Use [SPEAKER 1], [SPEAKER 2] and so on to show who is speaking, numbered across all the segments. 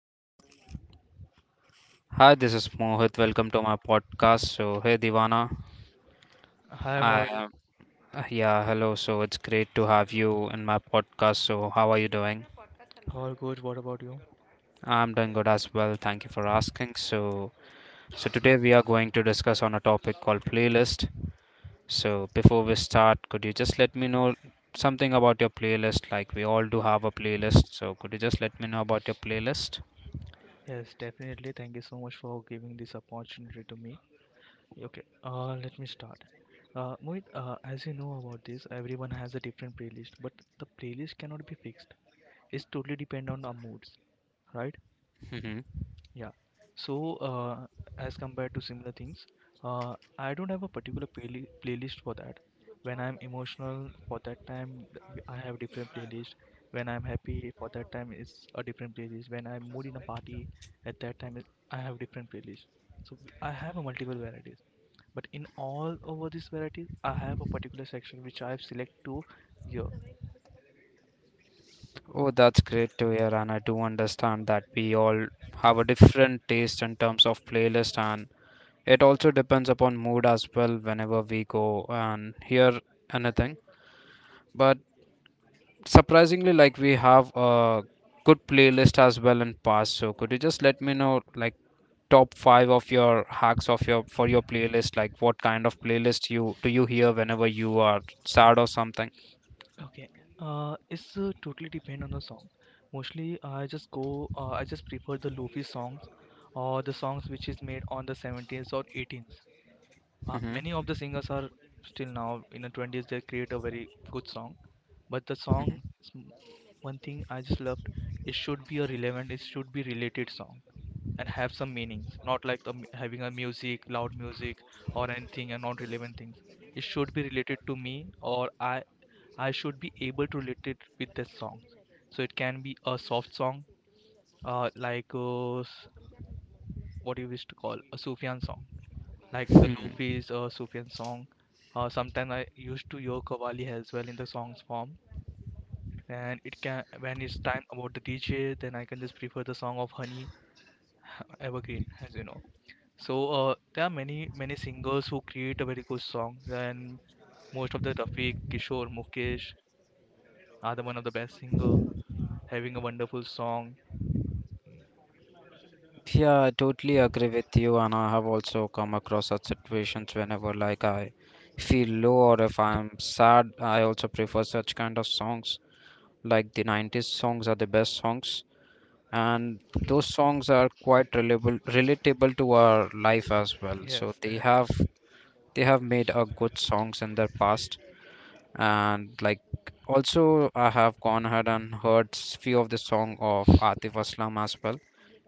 [SPEAKER 1] Hey, hi, this is Mohit. Welcome to my podcast. So, hey, Divana.
[SPEAKER 2] Hi
[SPEAKER 1] I
[SPEAKER 2] Moil,
[SPEAKER 1] am, yeah, hello. So, it's great to have you in my podcast. So, how are you doing?
[SPEAKER 2] all good. What about you?
[SPEAKER 1] I'm doing good as well. Thank you for asking. So today we are going to discuss on a topic called playlist. So, before we start, could you just let me know something about your playlist? Like we all do have a playlist. So, could you just let me know about your playlist?
[SPEAKER 2] Yes, definitely. Thank you so much for giving this opportunity to me. Okay, let me start. Mohit, as you know about this, everyone has a different playlist, but the playlist cannot be fixed. It's totally depend on our moods, right?
[SPEAKER 1] Mm-hmm.
[SPEAKER 2] Yeah. So, as compared to similar things, I don't have a particular playlist for that. When I'm emotional, for that time, I have different playlist. When I'm happy, for that time, it's a different playlist. When I'm mood in a party, at that time, I have different playlist. So I have a multiple varieties. But in all over these varieties, I have a particular section which I have select to hear.
[SPEAKER 1] Oh, that's great to hear, and I do understand that we all have a different taste in terms of playlist, and it also depends upon mood as well whenever we go and hear anything. But surprisingly, like we have a good playlist as well in past. So could you just let me know like top five of your hacks of your for your playlist? Like what kind of playlist you do you hear whenever you are sad or something?
[SPEAKER 2] Okay. It's totally depend on the song. Mostly, I just go. I just prefer the lofi songs or the songs which is made on the 70s or 18s.
[SPEAKER 1] Hmm
[SPEAKER 2] Many of the singers are still now in the 20s. They create a very good song, but the song, s- one thing I just loved, it should be a relevant. It should be related song and have some meaning, not like having a music, loud music or anything and non relevant thing. It should be related to me, or I should be able to relate it with the song. So it can be a soft song, uh, like uh, s- what you wish to call a sufyan song, like the lofi's sufyan song. Sometimes I used to hear kawali as well in the songs form. And it can, when it's time about the dj, then I can just prefer the song of honey, evergreen, as you know. So there are many singers who create a very good song, and most of the Rafiq, Kishore, Mukesh are the one of the best singer having a wonderful song.
[SPEAKER 1] Yeah, I totally agree with you, and I have also come across such situations whenever like I feel low or if I'm sad. I also prefer such kind of songs. Like the 90s songs are the best songs, and those songs are quite relatable to our life as well. So
[SPEAKER 2] Yes,
[SPEAKER 1] they have they have made a good songs in their past, and like also I have gone ahead and heard few of the song of Atif Aslam as well.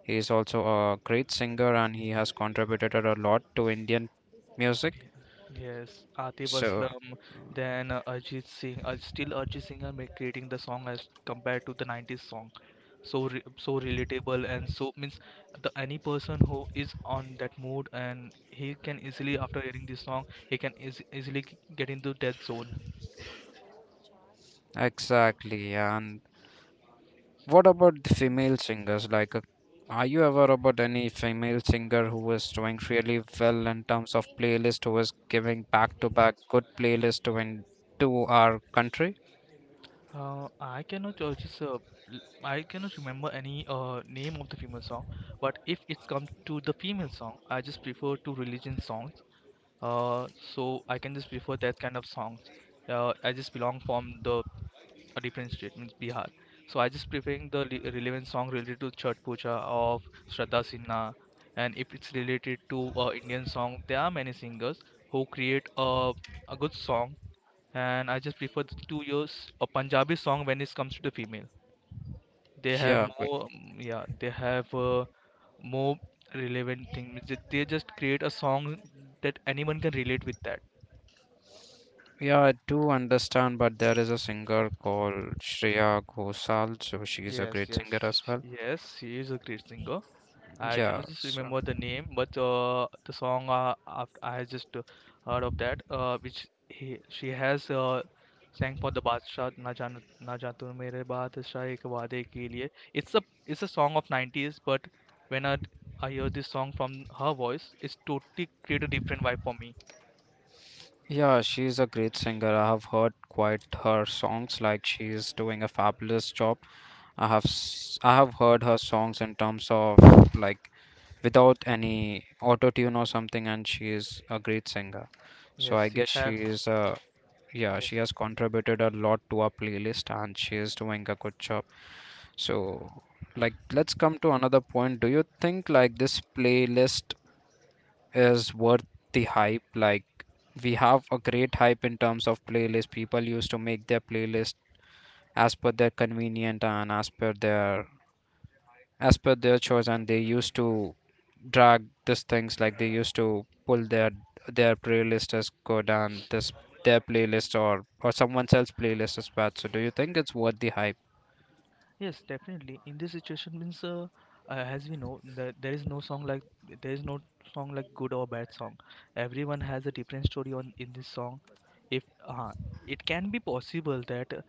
[SPEAKER 1] He is also a great singer and he has contributed a lot to Indian music.
[SPEAKER 2] yes, Atif
[SPEAKER 1] So
[SPEAKER 2] Aslam, then Ajit Singh. Still, Ajit Singh are creating the song as compared to the '90s song. So re so relatable and so means the any person who is on that mood and he can easily, after hearing this song, he can easily get into that zone.
[SPEAKER 1] exactly. And what about the female singers, like are you aware about any female singer who is doing really well in terms of playlist, who is giving back to back good playlist to in to our country?
[SPEAKER 2] Uh, I cannot uh, just uh, I cannot remember any name of the female song, but if it's come to the female song, I just prefer to religion songs. Uh, so I can just prefer that kind of songs. I just belong from the a different state, means Bihar. So I just preferring the relevant song related to Chhat Puja of Shraddha Sinha, and if it's related to Indian song, there are many singers who create a good song, and I just prefer the 2 years a Punjabi song when it comes to the female. They have
[SPEAKER 1] Yeah, but
[SPEAKER 2] more, mm, yeah, they have more relevant thing. Means that they just create a song that anyone can relate with that.
[SPEAKER 1] yeah, I do understand, but there is a singer called Shreya Ghoshal, so she's a
[SPEAKER 2] Yes,
[SPEAKER 1] great
[SPEAKER 2] yes,
[SPEAKER 1] singer as well.
[SPEAKER 2] yes. She is a great singer. I
[SPEAKER 1] Yeah,
[SPEAKER 2] cannot just
[SPEAKER 1] so
[SPEAKER 2] remember the name, but the song after I just heard of that, which he she has sang for the Badshah Na Jaan Na Jaan Tu Mere Badshah Ek Waade Ke Liye. It's a song of 90s, but when I hear this song from her voice, it's totally create a different vibe for me.
[SPEAKER 1] yeah, she's a great singer. I have heard quite her songs, like she's doing a fabulous job. I have heard her songs in terms of, like, without any auto tune or something, and she is a great singer. So I
[SPEAKER 2] Yes, you
[SPEAKER 1] guess she
[SPEAKER 2] have.
[SPEAKER 1] is a, yeah, she
[SPEAKER 2] Yes.
[SPEAKER 1] has contributed a lot to our playlist and she is doing a good job. So, like, let's come to another point. Do you think like this playlist is worth the hype? Like, we have a great hype in terms of playlist. People used to make their playlist as per their convenient and as per their choice, and they used to drag these things like they used to pull their playlist is good, and this their playlist or someone else's playlist is bad. So do you think it's worth the hype?
[SPEAKER 2] Yes, definitely. In this situation, means as we know, there is no song like, there is no song like good or bad song. Everyone has a different story on in this song. If uh, it can be possible that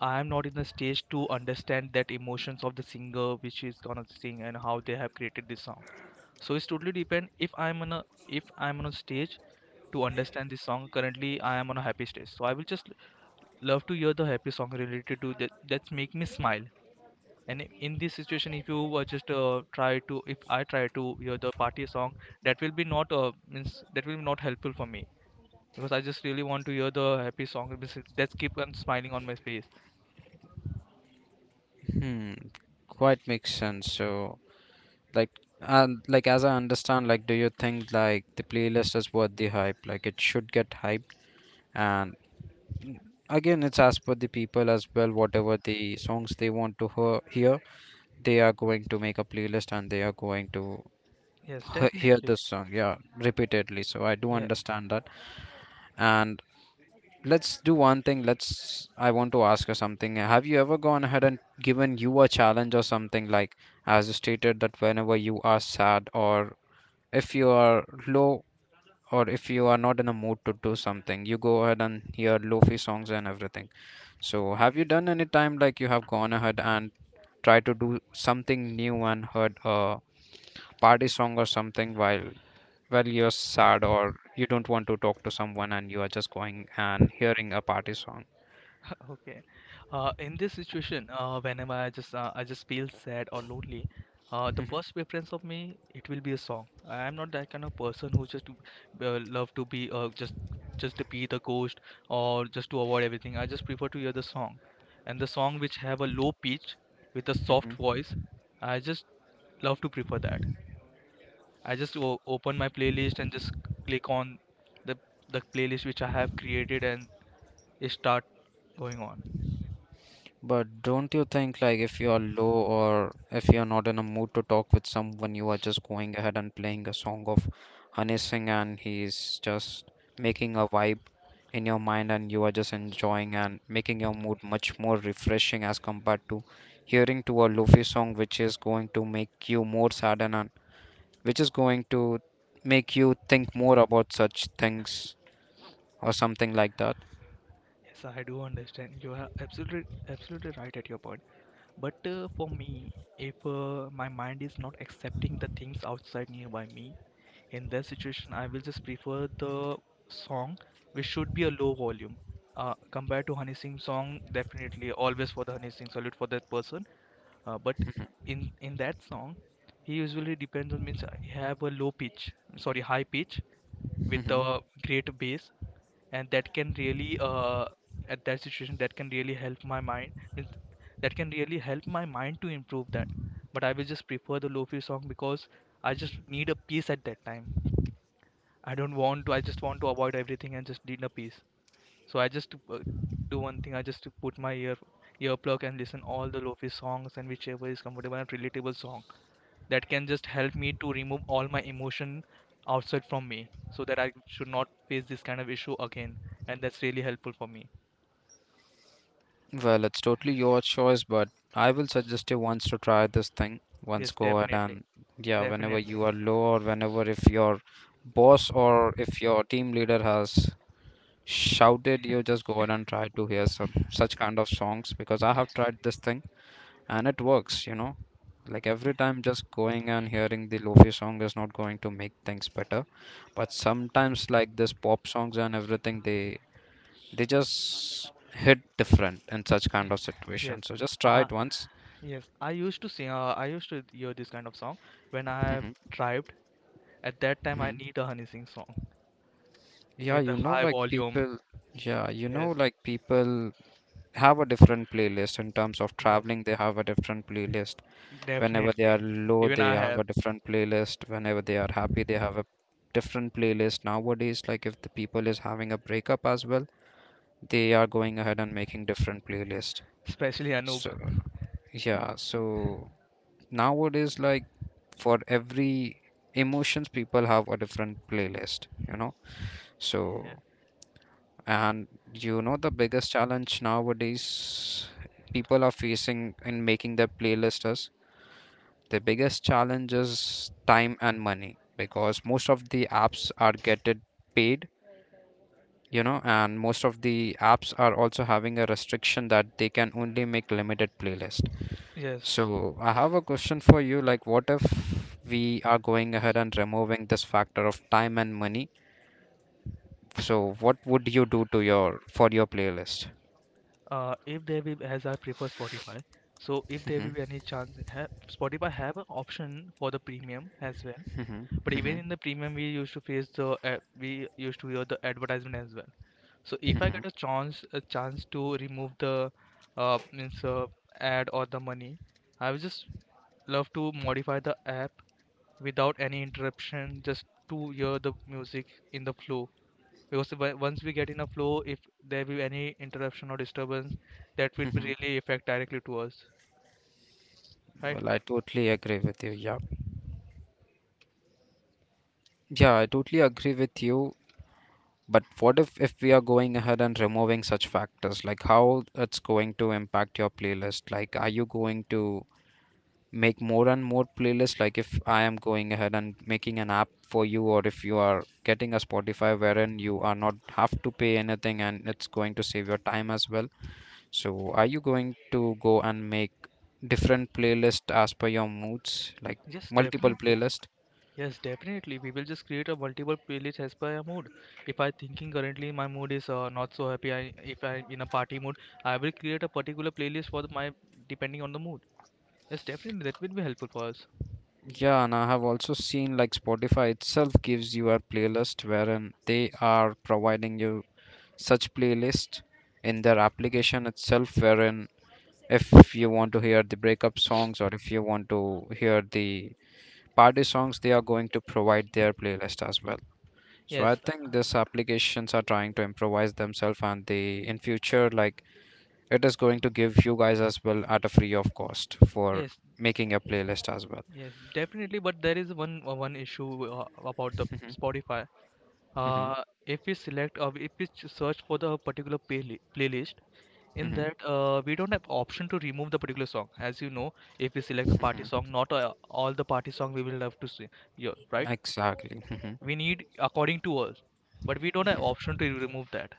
[SPEAKER 2] I am not in the stage to understand that emotions of the singer which is gonna sing and how they have created this song. So it's totally depend, if I'm on a if i'm on a stage to understand this song. Currently, I am on a happy stage, so I will just love to hear the happy song related to that. That's make me smile. And in this situation, if you just try to, if I try to hear the party song, that will be not means that will be not helpful for me, because I just really want to hear the happy song, means that's keep on smiling on my face.
[SPEAKER 1] Hmm quite makes sense. So, like, and like, as I understand, like, do you think like the playlist is worth the hype, like it should get hyped? And again, it's as per the people as well, whatever the songs they want to hear, hear, they are going to make a playlist and they are going to
[SPEAKER 2] Yes,
[SPEAKER 1] hear
[SPEAKER 2] definitely.
[SPEAKER 1] this song, yeah, repeatedly. So I do
[SPEAKER 2] Yeah.
[SPEAKER 1] understand that. And let's do one thing, let's, I want to ask you something. Have you ever gone ahead and given you a challenge or something like, as you stated, that whenever you are sad, or if you are low, or if you are not in a mood to do something, you go ahead and hear lofi songs and everything. So have you done any time like you have gone ahead and try to do something new and heard a party song or something while, well, you're sad or you don't want to talk to someone, and you are just going and hearing a party song?
[SPEAKER 2] Okay. In this situation, whenever I just feel sad or lonely, the first preference of me, it will be a song. I am not that kind of person who just love to be just to be the ghost, or just to avoid everything. I just prefer to hear the song, and the song which have a low pitch with a soft
[SPEAKER 1] Hmm
[SPEAKER 2] voice. I just love to prefer that. I just open my playlist and just click on the the playlist which I have created, and it start going on.
[SPEAKER 1] but don't you think like if you are low or if you're not in a mood to talk with someone, you are just going ahead and playing a song of Honey Singh, and he's just making a vibe in your mind, and you are just enjoying and making your mood much more refreshing as compared to hearing to a lofi song which is going to make you more saddened, which is going to make you think more about such things or something like that.
[SPEAKER 2] Yes, I do understand. You are absolutely right at your point. But for me, if my mind is not accepting the things outside nearby me, in that situation, I will just prefer the song which should be a low volume. Compared to Honey Singh song, definitely, always for the Honey Singh, salute for that person, but in that song he usually depends on, means he have a low pitch, sorry, high pitch, with a
[SPEAKER 1] Hmm
[SPEAKER 2] great bass. And that can really at that situation, that can really help my mind, means that can really help my mind to improve that. But I will just prefer the lofi song because I just need a peace at that time. I don't want to, I just want to avoid everything and just need a peace. So I just do one thing. I just put my ear earplug and listen all the lofi songs, and whichever is comfortable and relatable song, that can just help me to remove all my emotion outside from me, so that I should not face this kind of issue again. And that's really helpful for me.
[SPEAKER 1] Well, it's totally your choice, but I will suggest you once to try this thing. Once
[SPEAKER 2] Yes,
[SPEAKER 1] go ahead
[SPEAKER 2] definitely,
[SPEAKER 1] and, yeah, whenever
[SPEAKER 2] definitely.
[SPEAKER 1] you are low or whenever if your boss or if your team leader has shouted, you just go ahead and try to hear some such kind of songs, because I have tried this thing and it works, you know. Like every
[SPEAKER 2] Yeah,
[SPEAKER 1] time, just going and hearing the lofi song is not going to make things better. But sometimes, like this pop songs and everything, they just hit different in such
[SPEAKER 2] yeah.
[SPEAKER 1] kind of
[SPEAKER 2] Yes.
[SPEAKER 1] situation. So just try
[SPEAKER 2] Uh,
[SPEAKER 1] it once.
[SPEAKER 2] yes, I used to sing. I used to hear this kind of song when I have
[SPEAKER 1] Mhm,
[SPEAKER 2] thrived. At that time, I
[SPEAKER 1] mhm.
[SPEAKER 2] need a Honey Sing song
[SPEAKER 1] Yeah,
[SPEAKER 2] with
[SPEAKER 1] you
[SPEAKER 2] a
[SPEAKER 1] know,
[SPEAKER 2] high
[SPEAKER 1] like
[SPEAKER 2] volume.
[SPEAKER 1] people, yeah, you know,
[SPEAKER 2] Yes,
[SPEAKER 1] like people have a different playlist in terms of
[SPEAKER 2] yes.
[SPEAKER 1] traveling, they have a different playlist. Whenever they are
[SPEAKER 2] Definitely.
[SPEAKER 1] low,
[SPEAKER 2] Even
[SPEAKER 1] they
[SPEAKER 2] I
[SPEAKER 1] have
[SPEAKER 2] have,
[SPEAKER 1] a different playlist. Whenever they are happy, they have a different playlist. Nowadays, like if the people is having a breakup as well, they are going ahead and making different playlist.
[SPEAKER 2] especially Anoop.
[SPEAKER 1] So yeah, so nowadays, like for every emotions, people have a different playlist, you know,
[SPEAKER 2] Yeah.
[SPEAKER 1] so and you know the biggest challenge nowadays people are facing in making their playlist is, the biggest challenge is time and money, because most of the apps are getting paid, you know, and most of the apps are also having a restriction that they can only make limited playlist.
[SPEAKER 2] Yes.
[SPEAKER 1] So I have a question for you, like what if we are going ahead and removing this factor of time and money? So what would you do to your for your playlist?
[SPEAKER 2] If there be, as I prefer Spotify, so if there will be any chance, ha, Spotify have an option for the premium as well.
[SPEAKER 1] Mhm,
[SPEAKER 2] But even
[SPEAKER 1] mhm,
[SPEAKER 2] in the premium, we used to face the we used to hear the advertisement as well. So if I
[SPEAKER 1] mhm,
[SPEAKER 2] get a chance to remove the means ad or the money, I would just love to modify the app without any interruption, just to hear the music in the flow, because once we get in a flow, if there be any interruption or disturbance, that will be
[SPEAKER 1] mhm.
[SPEAKER 2] really affect directly to us, right?
[SPEAKER 1] Well, I totally agree with you. Yeah. Yeah, I totally agree with you. But what if we are going ahead and removing such factors, like how it's going to impact your playlist? Like, are you going to make more and more playlists? Like, if I am going ahead and making an app for you, or if you are getting a Spotify wherein you are not have to pay anything, and it's going to save your time as well. So, are you going to go and make different playlists as per your moods, like
[SPEAKER 2] Yes,
[SPEAKER 1] multiple
[SPEAKER 2] definitely.
[SPEAKER 1] playlists?
[SPEAKER 2] Yes, definitely, we will just create a multiple playlist as per our mood. If I thinking currently my mood is not so happy, if I'm in a party mood, I will create a particular playlist for the, my, depending on the mood. Yes, definitely, that will be helpful for us.
[SPEAKER 1] Yeah, and I have also seen like Spotify itself gives you a playlist wherein they are providing you such playlist in their application itself, wherein if you want to hear the breakup songs or if you want to hear the party songs, they are going to provide their playlist as well. So I
[SPEAKER 2] Yes,
[SPEAKER 1] think these applications are trying to improvise themselves, and they in future, like, it is going to give you guys as well at a free of cost for
[SPEAKER 2] yes,
[SPEAKER 1] making a playlist as well.
[SPEAKER 2] yes, definitely. But there is one one issue about the
[SPEAKER 1] Mhm,
[SPEAKER 2] spotify.
[SPEAKER 1] mhm,
[SPEAKER 2] If we select, or if we search for the particular playlist, in
[SPEAKER 1] mhm.
[SPEAKER 2] that we don't have option to remove the particular song. As you know, if we select the party
[SPEAKER 1] Mhm.
[SPEAKER 2] song, not all the party song we will have to see. Yeah, right?
[SPEAKER 1] Exactly. Mhm.
[SPEAKER 2] We need according to us, but we don't have option to remove that.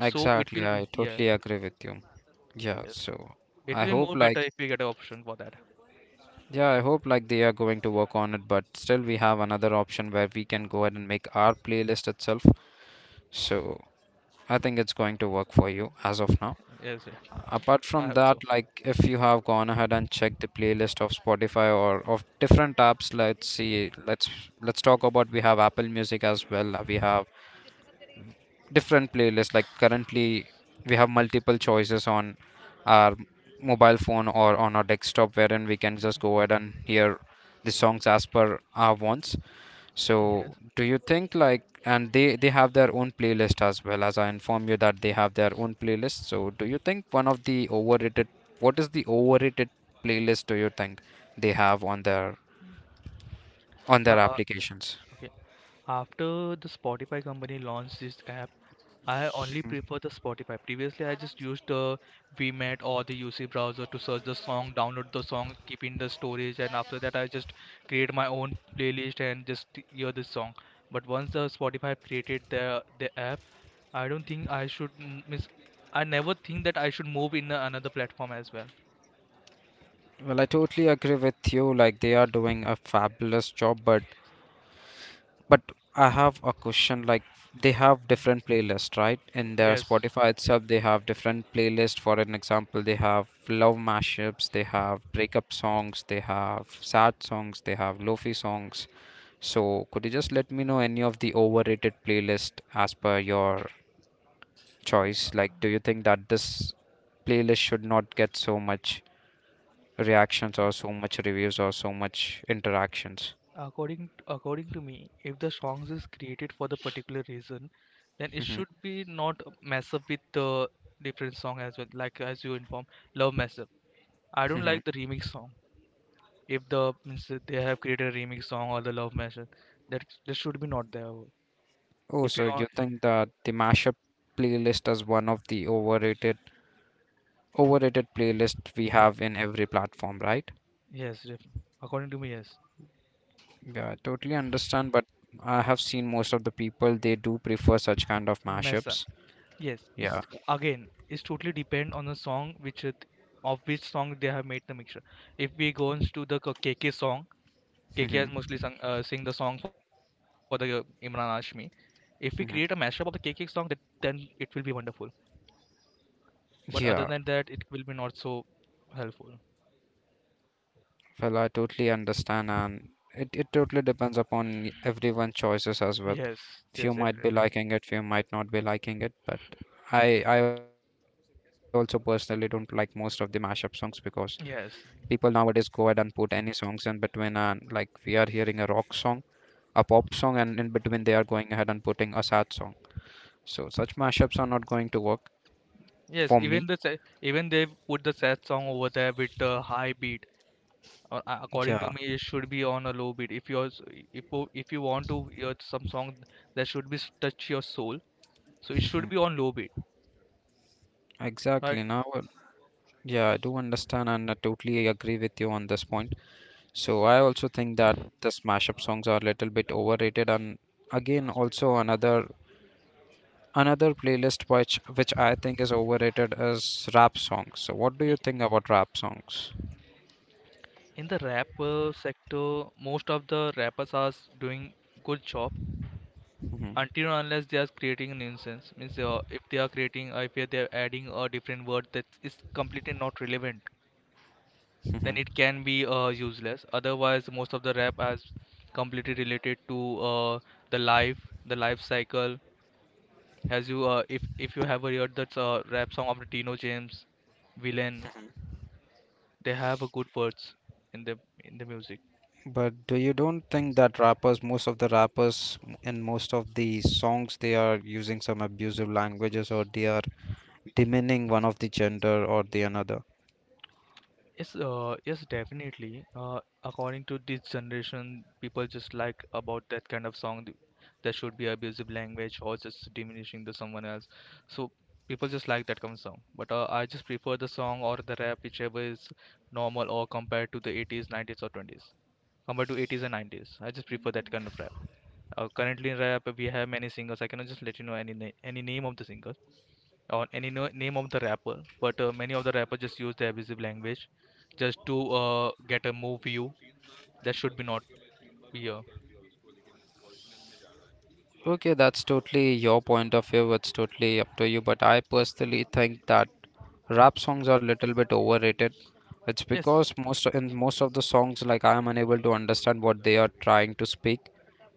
[SPEAKER 2] So it will be,
[SPEAKER 1] I
[SPEAKER 2] yeah,
[SPEAKER 1] totally agree with you. Yeah,
[SPEAKER 2] yes.
[SPEAKER 1] so
[SPEAKER 2] It
[SPEAKER 1] I
[SPEAKER 2] will be more
[SPEAKER 1] hope
[SPEAKER 2] better
[SPEAKER 1] like,
[SPEAKER 2] if we get an option for that.
[SPEAKER 1] yeah, I hope like they are going to work on it, but still we have another option where we can go ahead and make our playlist itself. So I think it's going to work for you as of now.
[SPEAKER 2] Yes, yeah.
[SPEAKER 1] Apart
[SPEAKER 2] I
[SPEAKER 1] from
[SPEAKER 2] hope
[SPEAKER 1] that,
[SPEAKER 2] so.
[SPEAKER 1] like if you have gone ahead and checked the playlist of Spotify or of different apps, let's see, let's talk about, we have Apple Music as well. We have different playlists, like currently we have multiple choices on our mobile phone or on our desktop wherein we can just go ahead and hear the songs as per our wants.
[SPEAKER 2] Yes.
[SPEAKER 1] So do you think like, and they have their own playlist as well, as I inform you that they have their own playlist. So do you think one of the overrated, what is the overrated playlist do you think they have on their, on their
[SPEAKER 2] Uh,
[SPEAKER 1] applications?
[SPEAKER 2] okay. After the Spotify company launched this app, I only prefer the Spotify. Previously, I just used the VMAT or the UC browser to search the song, download the song, keep in the storage, and after that, I just create my own playlist and just hear the song. But once the Spotify created the app, I don't think I should miss. I never think that I should move in another platform as well.
[SPEAKER 1] Well, I totally agree with you, like they are doing a fabulous job, but I have a question, like they have
[SPEAKER 2] Yeah.
[SPEAKER 1] different playlists, right? In their
[SPEAKER 2] Yes.
[SPEAKER 1] Spotify itself, they have different playlists. For an example, they have love mashups, they have breakup songs, they have sad songs, they have lofi songs. So could you just let me know any of the overrated playlist as per your choice? Like, do you think that this playlist should not get so much reactions or so much reviews or so much interactions?
[SPEAKER 2] According according to me, if the songs is created for the particular reason, then it should be not mess up with the different song as well. Like as you inform, love mess up. I don't like the remix song. If the means that they have created a remix song or the love mess up, that that should be not there.
[SPEAKER 1] Oh,
[SPEAKER 2] If you
[SPEAKER 1] so
[SPEAKER 2] are,
[SPEAKER 1] you think that the mashup playlist is one of the overrated playlists we
[SPEAKER 2] yeah,
[SPEAKER 1] have in every platform, right?
[SPEAKER 2] yes, def- according to me, yes,
[SPEAKER 1] Yeah, I totally understand, but I have seen most of the people they do prefer such kind of
[SPEAKER 2] mess up.
[SPEAKER 1] mashups.
[SPEAKER 2] Yes, it's
[SPEAKER 1] Yeah.
[SPEAKER 2] it's totally depend on the song of which song they have made the mixture. If we go into the KK song, KK
[SPEAKER 1] hmm
[SPEAKER 2] has mostly sing the song for the Imran Ashmi. If we create a mashup of the
[SPEAKER 1] hmm
[SPEAKER 2] KK song, that then it will be wonderful. But other than
[SPEAKER 1] Yeah.
[SPEAKER 2] that, it will be not so helpful.
[SPEAKER 1] Well, I totally understand, and it totally depends upon everyone's choices as well.
[SPEAKER 2] Yes,
[SPEAKER 1] Few
[SPEAKER 2] yes,
[SPEAKER 1] might be
[SPEAKER 2] definitely.
[SPEAKER 1] liking it, few might not be liking it, but I also personally don't like most of the mashup songs because people
[SPEAKER 2] Yes,
[SPEAKER 1] nowadays go ahead and put any songs in between and like we are hearing a rock song, a pop song, and in between they are going ahead and putting a sad song. So such mashups are not going to work
[SPEAKER 2] yes.
[SPEAKER 1] for me.
[SPEAKER 2] Even they put the sad song over there with the high beat. Or according to
[SPEAKER 1] Yeah,
[SPEAKER 2] me, it should be on a low beat. If you want to hear some song that should touch your soul, so it should be on low beat, right?
[SPEAKER 1] exactly. now yeah, I do understand and I totally agree with you on this point. So I also think that the mashup songs are a little bit overrated, and again, also another, another playlist which I think is overrated is rap songs. So what do you think about rap songs?
[SPEAKER 2] In the rap sector, most of the rappers are doing good job
[SPEAKER 1] Hmm.
[SPEAKER 2] until and unless they are creating nuisance. Means if they are creating, if they are adding a different word that is completely not relevant, then
[SPEAKER 1] Hmm.
[SPEAKER 2] it can be useless. Otherwise, most of the rap has completely related to the life, the life cycle. As you, if you have heard that rap song of Dino James, Villain, they have a good words in the in the music.
[SPEAKER 1] But do you don't think that rappers, most of the rappers in most of the songs, they are using some abusive languages, or they are demeaning one of the gender or the another?
[SPEAKER 2] Yes, yes, definitely. According to this generation, people just like about that kind of song. There should be abusive language or just diminishing to someone else. So people just like that kind of song. But I just prefer the song or the rap, whichever is normal or compared to the 80s, 90s, or 20s. Compared to 80s and 90s, I just prefer that kind of rap. Currently in rap, we have many singers. I cannot just let you know any name of the singer or any name of the rapper, but many of the rappers just use the abusive language just to get a move view that should be not be a.
[SPEAKER 1] Okay, that's totally your point of view. It's totally up to you. But I personally think that rap songs are a little bit overrated. It's
[SPEAKER 2] Yes,
[SPEAKER 1] because most in most of the songs, like, I am unable to understand what they are trying to speak.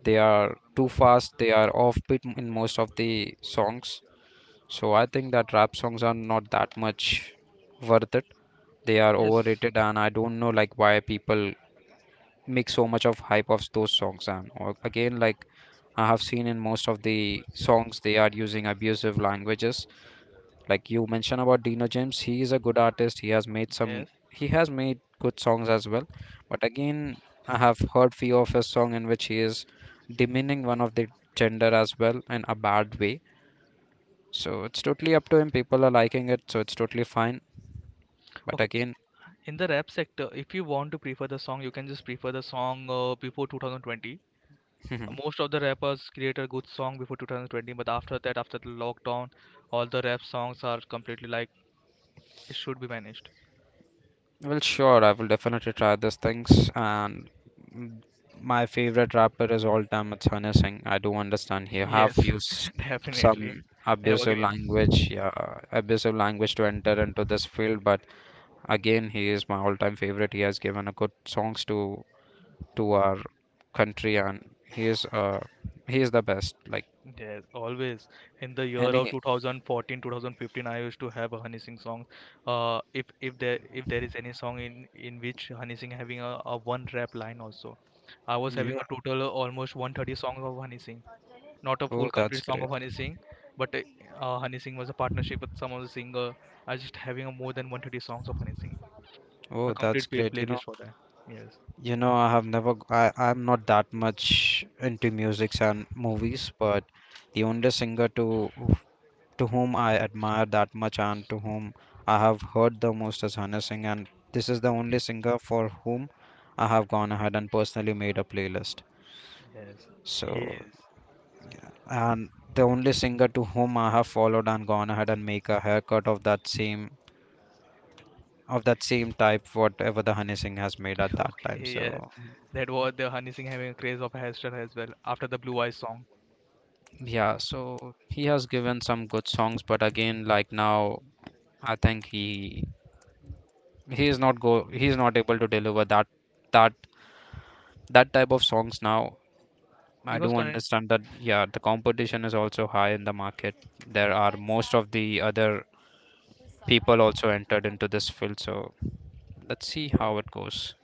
[SPEAKER 1] They are too fast. They are offbeat in most of the songs. So I think that rap songs are not that much worth it. They are
[SPEAKER 2] yes,
[SPEAKER 1] overrated, and I don't know like why people make so much of hype of those songs. And or again, like, I have seen in most of the songs, they are using abusive languages. Like you mentioned about Dino James, he is a good artist. He has made some,
[SPEAKER 2] yes,
[SPEAKER 1] he has made good songs as well. But again, I have heard few of his song in which he is demeaning one of the gender as well in a bad way. So it's totally up to him. People are liking it, so it's totally fine. But
[SPEAKER 2] okay,
[SPEAKER 1] again,
[SPEAKER 2] in the rap sector if you want to prefer the song you can just prefer the song before 2020.
[SPEAKER 1] well,
[SPEAKER 2] Most of the rappers create a good song before 2020, but after that after the lockdown all the rap songs are completely like it should be managed.
[SPEAKER 1] sure, I will definitely try these things. And mm, my favorite rapper is all time, it's Sunny Singh. I do understand he have
[SPEAKER 2] Yes,
[SPEAKER 1] used
[SPEAKER 2] definitely,
[SPEAKER 1] some abusive
[SPEAKER 2] evergreen.
[SPEAKER 1] language, yeah, abusive language to enter into this field. But again, he is my all time favorite. He has given a good songs to our country, and he is he is the best. Like
[SPEAKER 2] Yes, always. In the year of
[SPEAKER 1] any,
[SPEAKER 2] 2014, 2015, I used to have a Honey Singh song. If if there is any song in which Honey Singh having a one rap line also, I was having
[SPEAKER 1] yeah,
[SPEAKER 2] a total of almost 130 songs of Honey Singh. Not a full
[SPEAKER 1] oh, that's
[SPEAKER 2] complete song
[SPEAKER 1] great.
[SPEAKER 2] of Honey Singh, but Honey Singh was a partnership with some of the singer. I was just having a more than 130 songs of Honey Singh. A
[SPEAKER 1] Oh, that's
[SPEAKER 2] complete play
[SPEAKER 1] great.
[SPEAKER 2] playlist for that. Yes,
[SPEAKER 1] You know, I have never, I'm not that much into musics and movies, but the only singer to to whom I admire that much and to whom I have heard the most is Hana Singh, and this is the only singer for whom I have gone ahead and personally made a playlist.
[SPEAKER 2] yes, he is.
[SPEAKER 1] So, and the only singer to whom I have followed and gone ahead and make a haircut of that same, of that same type, whatever the Honey Singh has made at that time.
[SPEAKER 2] Okay, yes.
[SPEAKER 1] So
[SPEAKER 2] That was the Honey Singh having a craze of hairstyle as well after the Blue Eyes song.
[SPEAKER 1] yeah, so he has given some good songs, but again, like now, I think he is not go he is not able to deliver that that that type of songs now. I
[SPEAKER 2] Because
[SPEAKER 1] do
[SPEAKER 2] current,
[SPEAKER 1] understand that yeah, the competition is also high in the market. There are most of the other people also entered into this field, so let's see
[SPEAKER 2] yeah,
[SPEAKER 1] how it goes.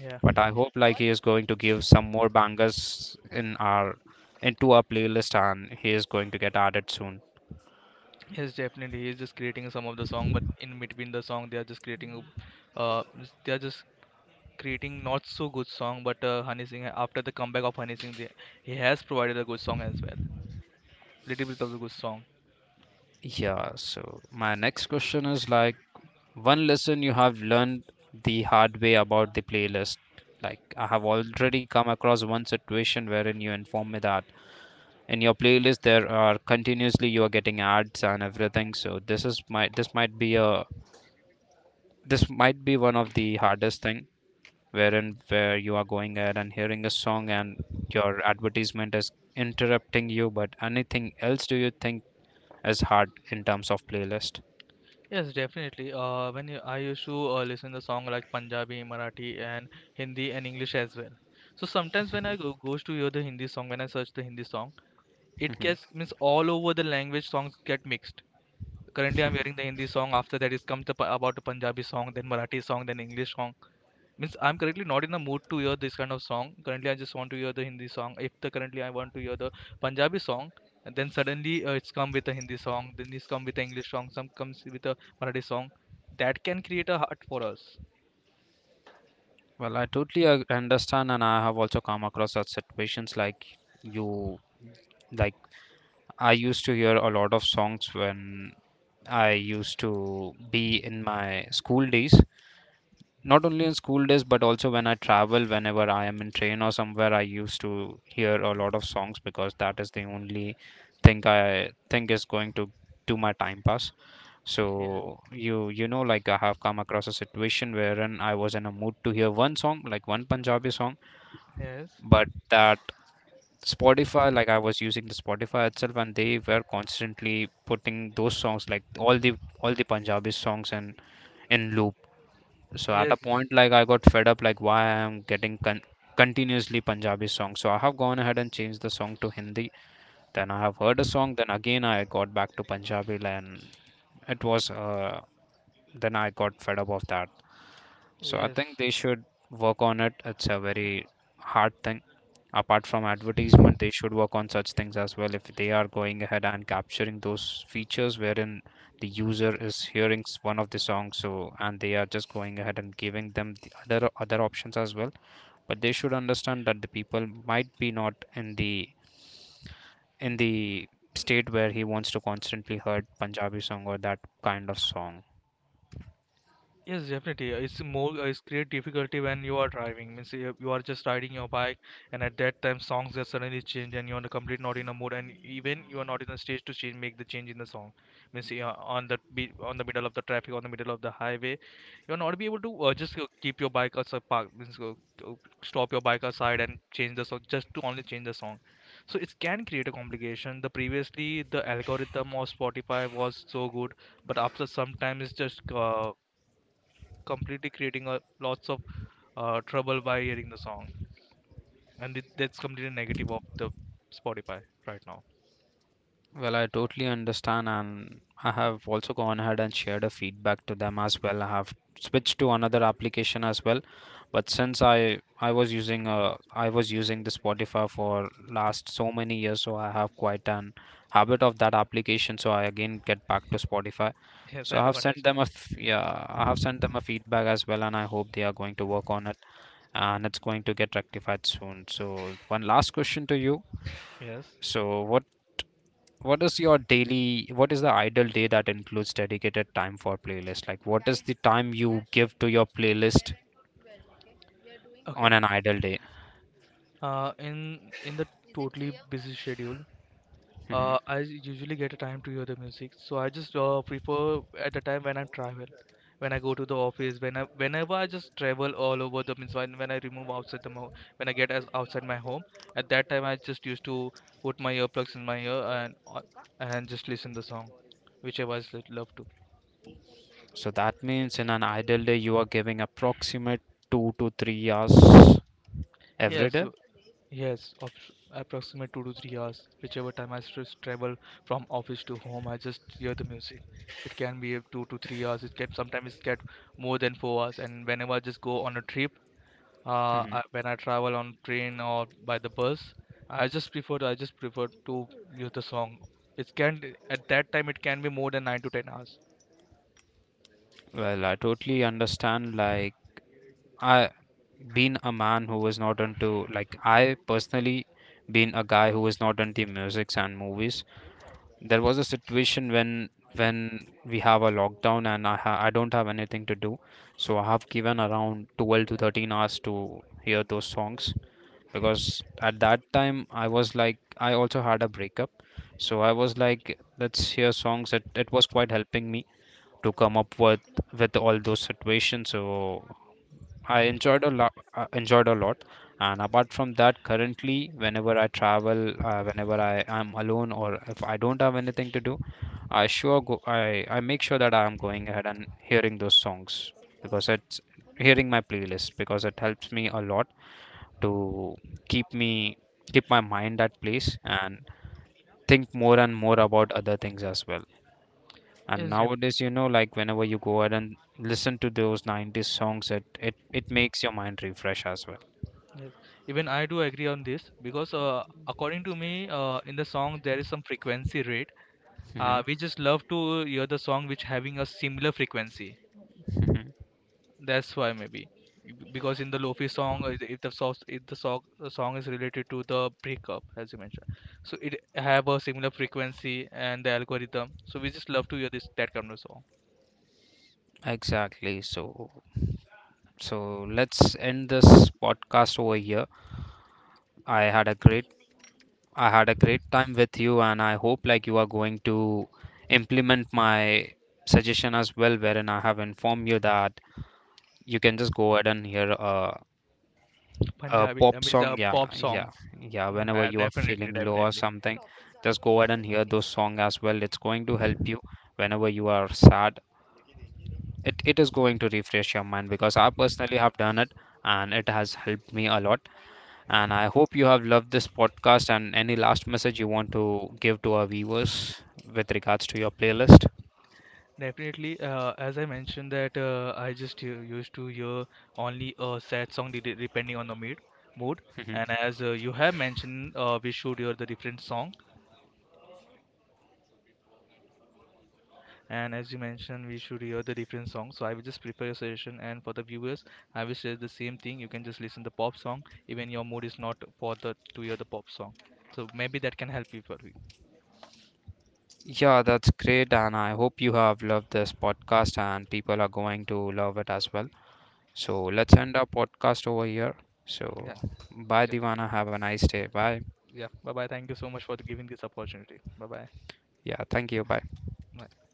[SPEAKER 2] yeah,
[SPEAKER 1] But I hope like he is going to give some more bangers in our, into our playlist, and he is going to get added soon.
[SPEAKER 2] yes, definitely. He's just creating some of the song, but in between the song, they are just creating, uh, they are just creating not so good song. But Honey Singh, after the comeback of Honey Singh, they, he has provided a good song as well. Little bit of the good song.
[SPEAKER 1] Yeah, so my next question is like one lesson you have learned the hard way about the playlist. Like, I have already come across one situation wherein you informed me that in your playlist there are continuously you are getting ads and everything. So this is my, this might be a this might be one of the hardest thing wherein where you are going ahead and hearing a song and your advertisement is interrupting you. But anything else do you think is hard in terms of playlist?
[SPEAKER 2] Yes, definitely. When I used to listen the song like Punjabi, Marathi, and Hindi and English as well. So sometimes when I goes to hear the Hindi song, when I search the Hindi song, it gets means all over the language songs get mixed. Currently, I'm hearing the Hindi song. After that, is come to, about the Punjabi song, then Marathi song, then English song. Means I'm currently not in the mood to hear this kind of song. Currently, I just want to hear the Hindi song. If the currently I want to hear the Punjabi song, and then suddenly it's come with the Hindi song. Then it's come with the English song. Some comes with the Marathi song. That can create a heart for us.
[SPEAKER 1] Well, I totally understand, and I have also come across such situations like you. Like, I used to hear a lot of songs when I used to be in my school days. Not only in school days, but also when I travel, whenever I am in train or somewhere, I used to hear a lot of songs because that is the only thing I think is going to do my time pass.
[SPEAKER 2] Yeah.
[SPEAKER 1] So you know like I have come across a situation wherein I was in a mood to hear one song, like one Punjabi song,
[SPEAKER 2] Yes.
[SPEAKER 1] but that Spotify, like I was using the Spotify itself, and they were constantly putting those songs, like all the, all the Punjabi songs, and in loop. So at a
[SPEAKER 2] Yes.
[SPEAKER 1] point, like, I got fed up, like why I'm getting continuously Punjabi songs. So I have gone ahead and changed the song to Hindi. Then I have heard a song. Then again, I got back to Punjabi, and it was. Then I got fed up of that. So I
[SPEAKER 2] Yes.
[SPEAKER 1] think they should work on it. It's a very hard thing. Apart from advertisement, they should work on such things as well. If they are going ahead and capturing those features wherein the user is hearing one of the songs, so and they are just going ahead and giving them the other other options as well, but they should understand that the people might be not in the, in the state where he wants to constantly heard Punjabi song or that kind of song.
[SPEAKER 2] Yes, definitely. It's more, it's create difficulty when you are driving. Means you are just riding your bike, and at that time, songs just suddenly change, and you are complete not in a mood, and even you are not in a stage to change, make the change in the song. Means you are on on the middle of the traffic, on the middle of the highway, you are not be able to just keep your bike as a park. Means uh, stop your bike aside and change the song just to only change the song. So it can create a complication. The previously the algorithm of Spotify was so good, but after some time, it's just completely creating a, lots of trouble by hearing the song, and it, that's completely negative of the Spotify right now.
[SPEAKER 1] Well, I totally understand, and I have also gone ahead and shared a feedback to them as well. I have switched to another application as well, but since I was using I was using the Spotify for last so many years, so I have quite an habit of that application. So I again get back to Spotify.
[SPEAKER 2] Yes,
[SPEAKER 1] So
[SPEAKER 2] I
[SPEAKER 1] I
[SPEAKER 2] do
[SPEAKER 1] have sent them
[SPEAKER 2] understand.
[SPEAKER 1] a yeah, I have sent them a feedback as well, and I hope they are going to work on it and it's going to get rectified soon. So one last question to you.
[SPEAKER 2] Yes.
[SPEAKER 1] So what is your daily, what is the ideal day that includes dedicated time for playlist? Like, what is the time you give to your playlist on
[SPEAKER 2] Okay.
[SPEAKER 1] an ideal day?
[SPEAKER 2] In the totally busy schedule,
[SPEAKER 1] Mhm.
[SPEAKER 2] I usually get a time to hear the music, so I just prefer at the time when I travel, when I go to the office, when I whenever I just travel all over the means when I remove outside the mo when I get as outside my home, at that time I just used to put my earplugs in my ear and and just listen the song, whichever I love to.
[SPEAKER 1] So that means in an ideal day you are giving approximate 2 to 3 hours every
[SPEAKER 2] Yes,
[SPEAKER 1] day?
[SPEAKER 2] yes, approximate 2 to 3 hours. Whichever time I stress travel from office to home, I just hear the music. It can be up 2 to 3 hours. It can sometimes get more than 4 hours. And whenever I just go on a trip,
[SPEAKER 1] Mhm.
[SPEAKER 2] when I travel on train or by the bus, I just prefer to use the song. It can at that time it can be more than 9 to 10 hours.
[SPEAKER 1] Well, I totally understand. Like, I been a man who was not into like, I personally been a guy who was not into musics and movies. There was a situation when we have a lockdown and I ha I don't have anything to do, so I have given around 12 to 13 hours to hear those songs because at that time I was like, I also had a breakup, so I was like, let's hear songs. It was quite helping me to come up with all those situations. So I enjoyed a lot. Enjoyed a lot. And apart from that, currently, whenever I travel, whenever I am alone or if I don't have anything to do, I sure go. I make sure that I am going ahead and hearing those songs because it's hearing my playlist because it helps me a lot to keep me keep my mind at place and think more and more about other things as well. And
[SPEAKER 2] Yes, yep,
[SPEAKER 1] nowadays, you know, like whenever you go ahead and listen to those 90s songs, it it makes your mind refresh as well.
[SPEAKER 2] yes. Even I do agree on this because according to me, in the song there is some frequency rate.
[SPEAKER 1] Mhm,
[SPEAKER 2] We just love to hear the song which having a similar frequency.
[SPEAKER 1] mhm.
[SPEAKER 2] That's why maybe because in the lofi song, if the song the song is related to the breakup as you mentioned, so it have a similar frequency and the algorithm. So we just love to hear this that kind of song.
[SPEAKER 1] Exactly. So let's end this podcast over here. I had a great, I had a great time with you, and I hope like you are going to implement my suggestion as well, wherein I have informed you that you can just go ahead and hear a
[SPEAKER 2] Punjabi, I
[SPEAKER 1] pop
[SPEAKER 2] mean,
[SPEAKER 1] song.
[SPEAKER 2] the
[SPEAKER 1] Yeah,
[SPEAKER 2] pop
[SPEAKER 1] yeah,
[SPEAKER 2] songs.
[SPEAKER 1] yeah. Whenever
[SPEAKER 2] Yeah,
[SPEAKER 1] you are
[SPEAKER 2] definitely,
[SPEAKER 1] feeling low or
[SPEAKER 2] definitely.
[SPEAKER 1] something, just go ahead and hear those songs as well. It's going to help you whenever you are sad. It is going to refresh your mind because I personally have done it and it has helped me a lot. And I hope you have loved this podcast. And any last message you want to give to our viewers with regards to your playlist?
[SPEAKER 2] Definitely, as I mentioned that I just used to hear only a sad song depending on the mood.
[SPEAKER 1] Mhm.
[SPEAKER 2] And as you have mentioned, we should hear the different song. And as you mentioned, we should hear the different song. So I will just prepare a suggestion, and for the viewers, I will say the same thing. You can just listen the pop song, even your mood is not for the to hear the pop song. So maybe that can help you for you.
[SPEAKER 1] Yeah, that's great. And I hope you have loved this podcast and people are going to love it as well. So let's end our podcast over here.
[SPEAKER 2] Yeah,
[SPEAKER 1] So bye,
[SPEAKER 2] j-
[SPEAKER 1] Divana, have a nice day. Bye.
[SPEAKER 2] yeah. Bye bye. Thank you so much for giving this opportunity. Bye
[SPEAKER 1] Yeah, thank you. Bye.
[SPEAKER 2] bye.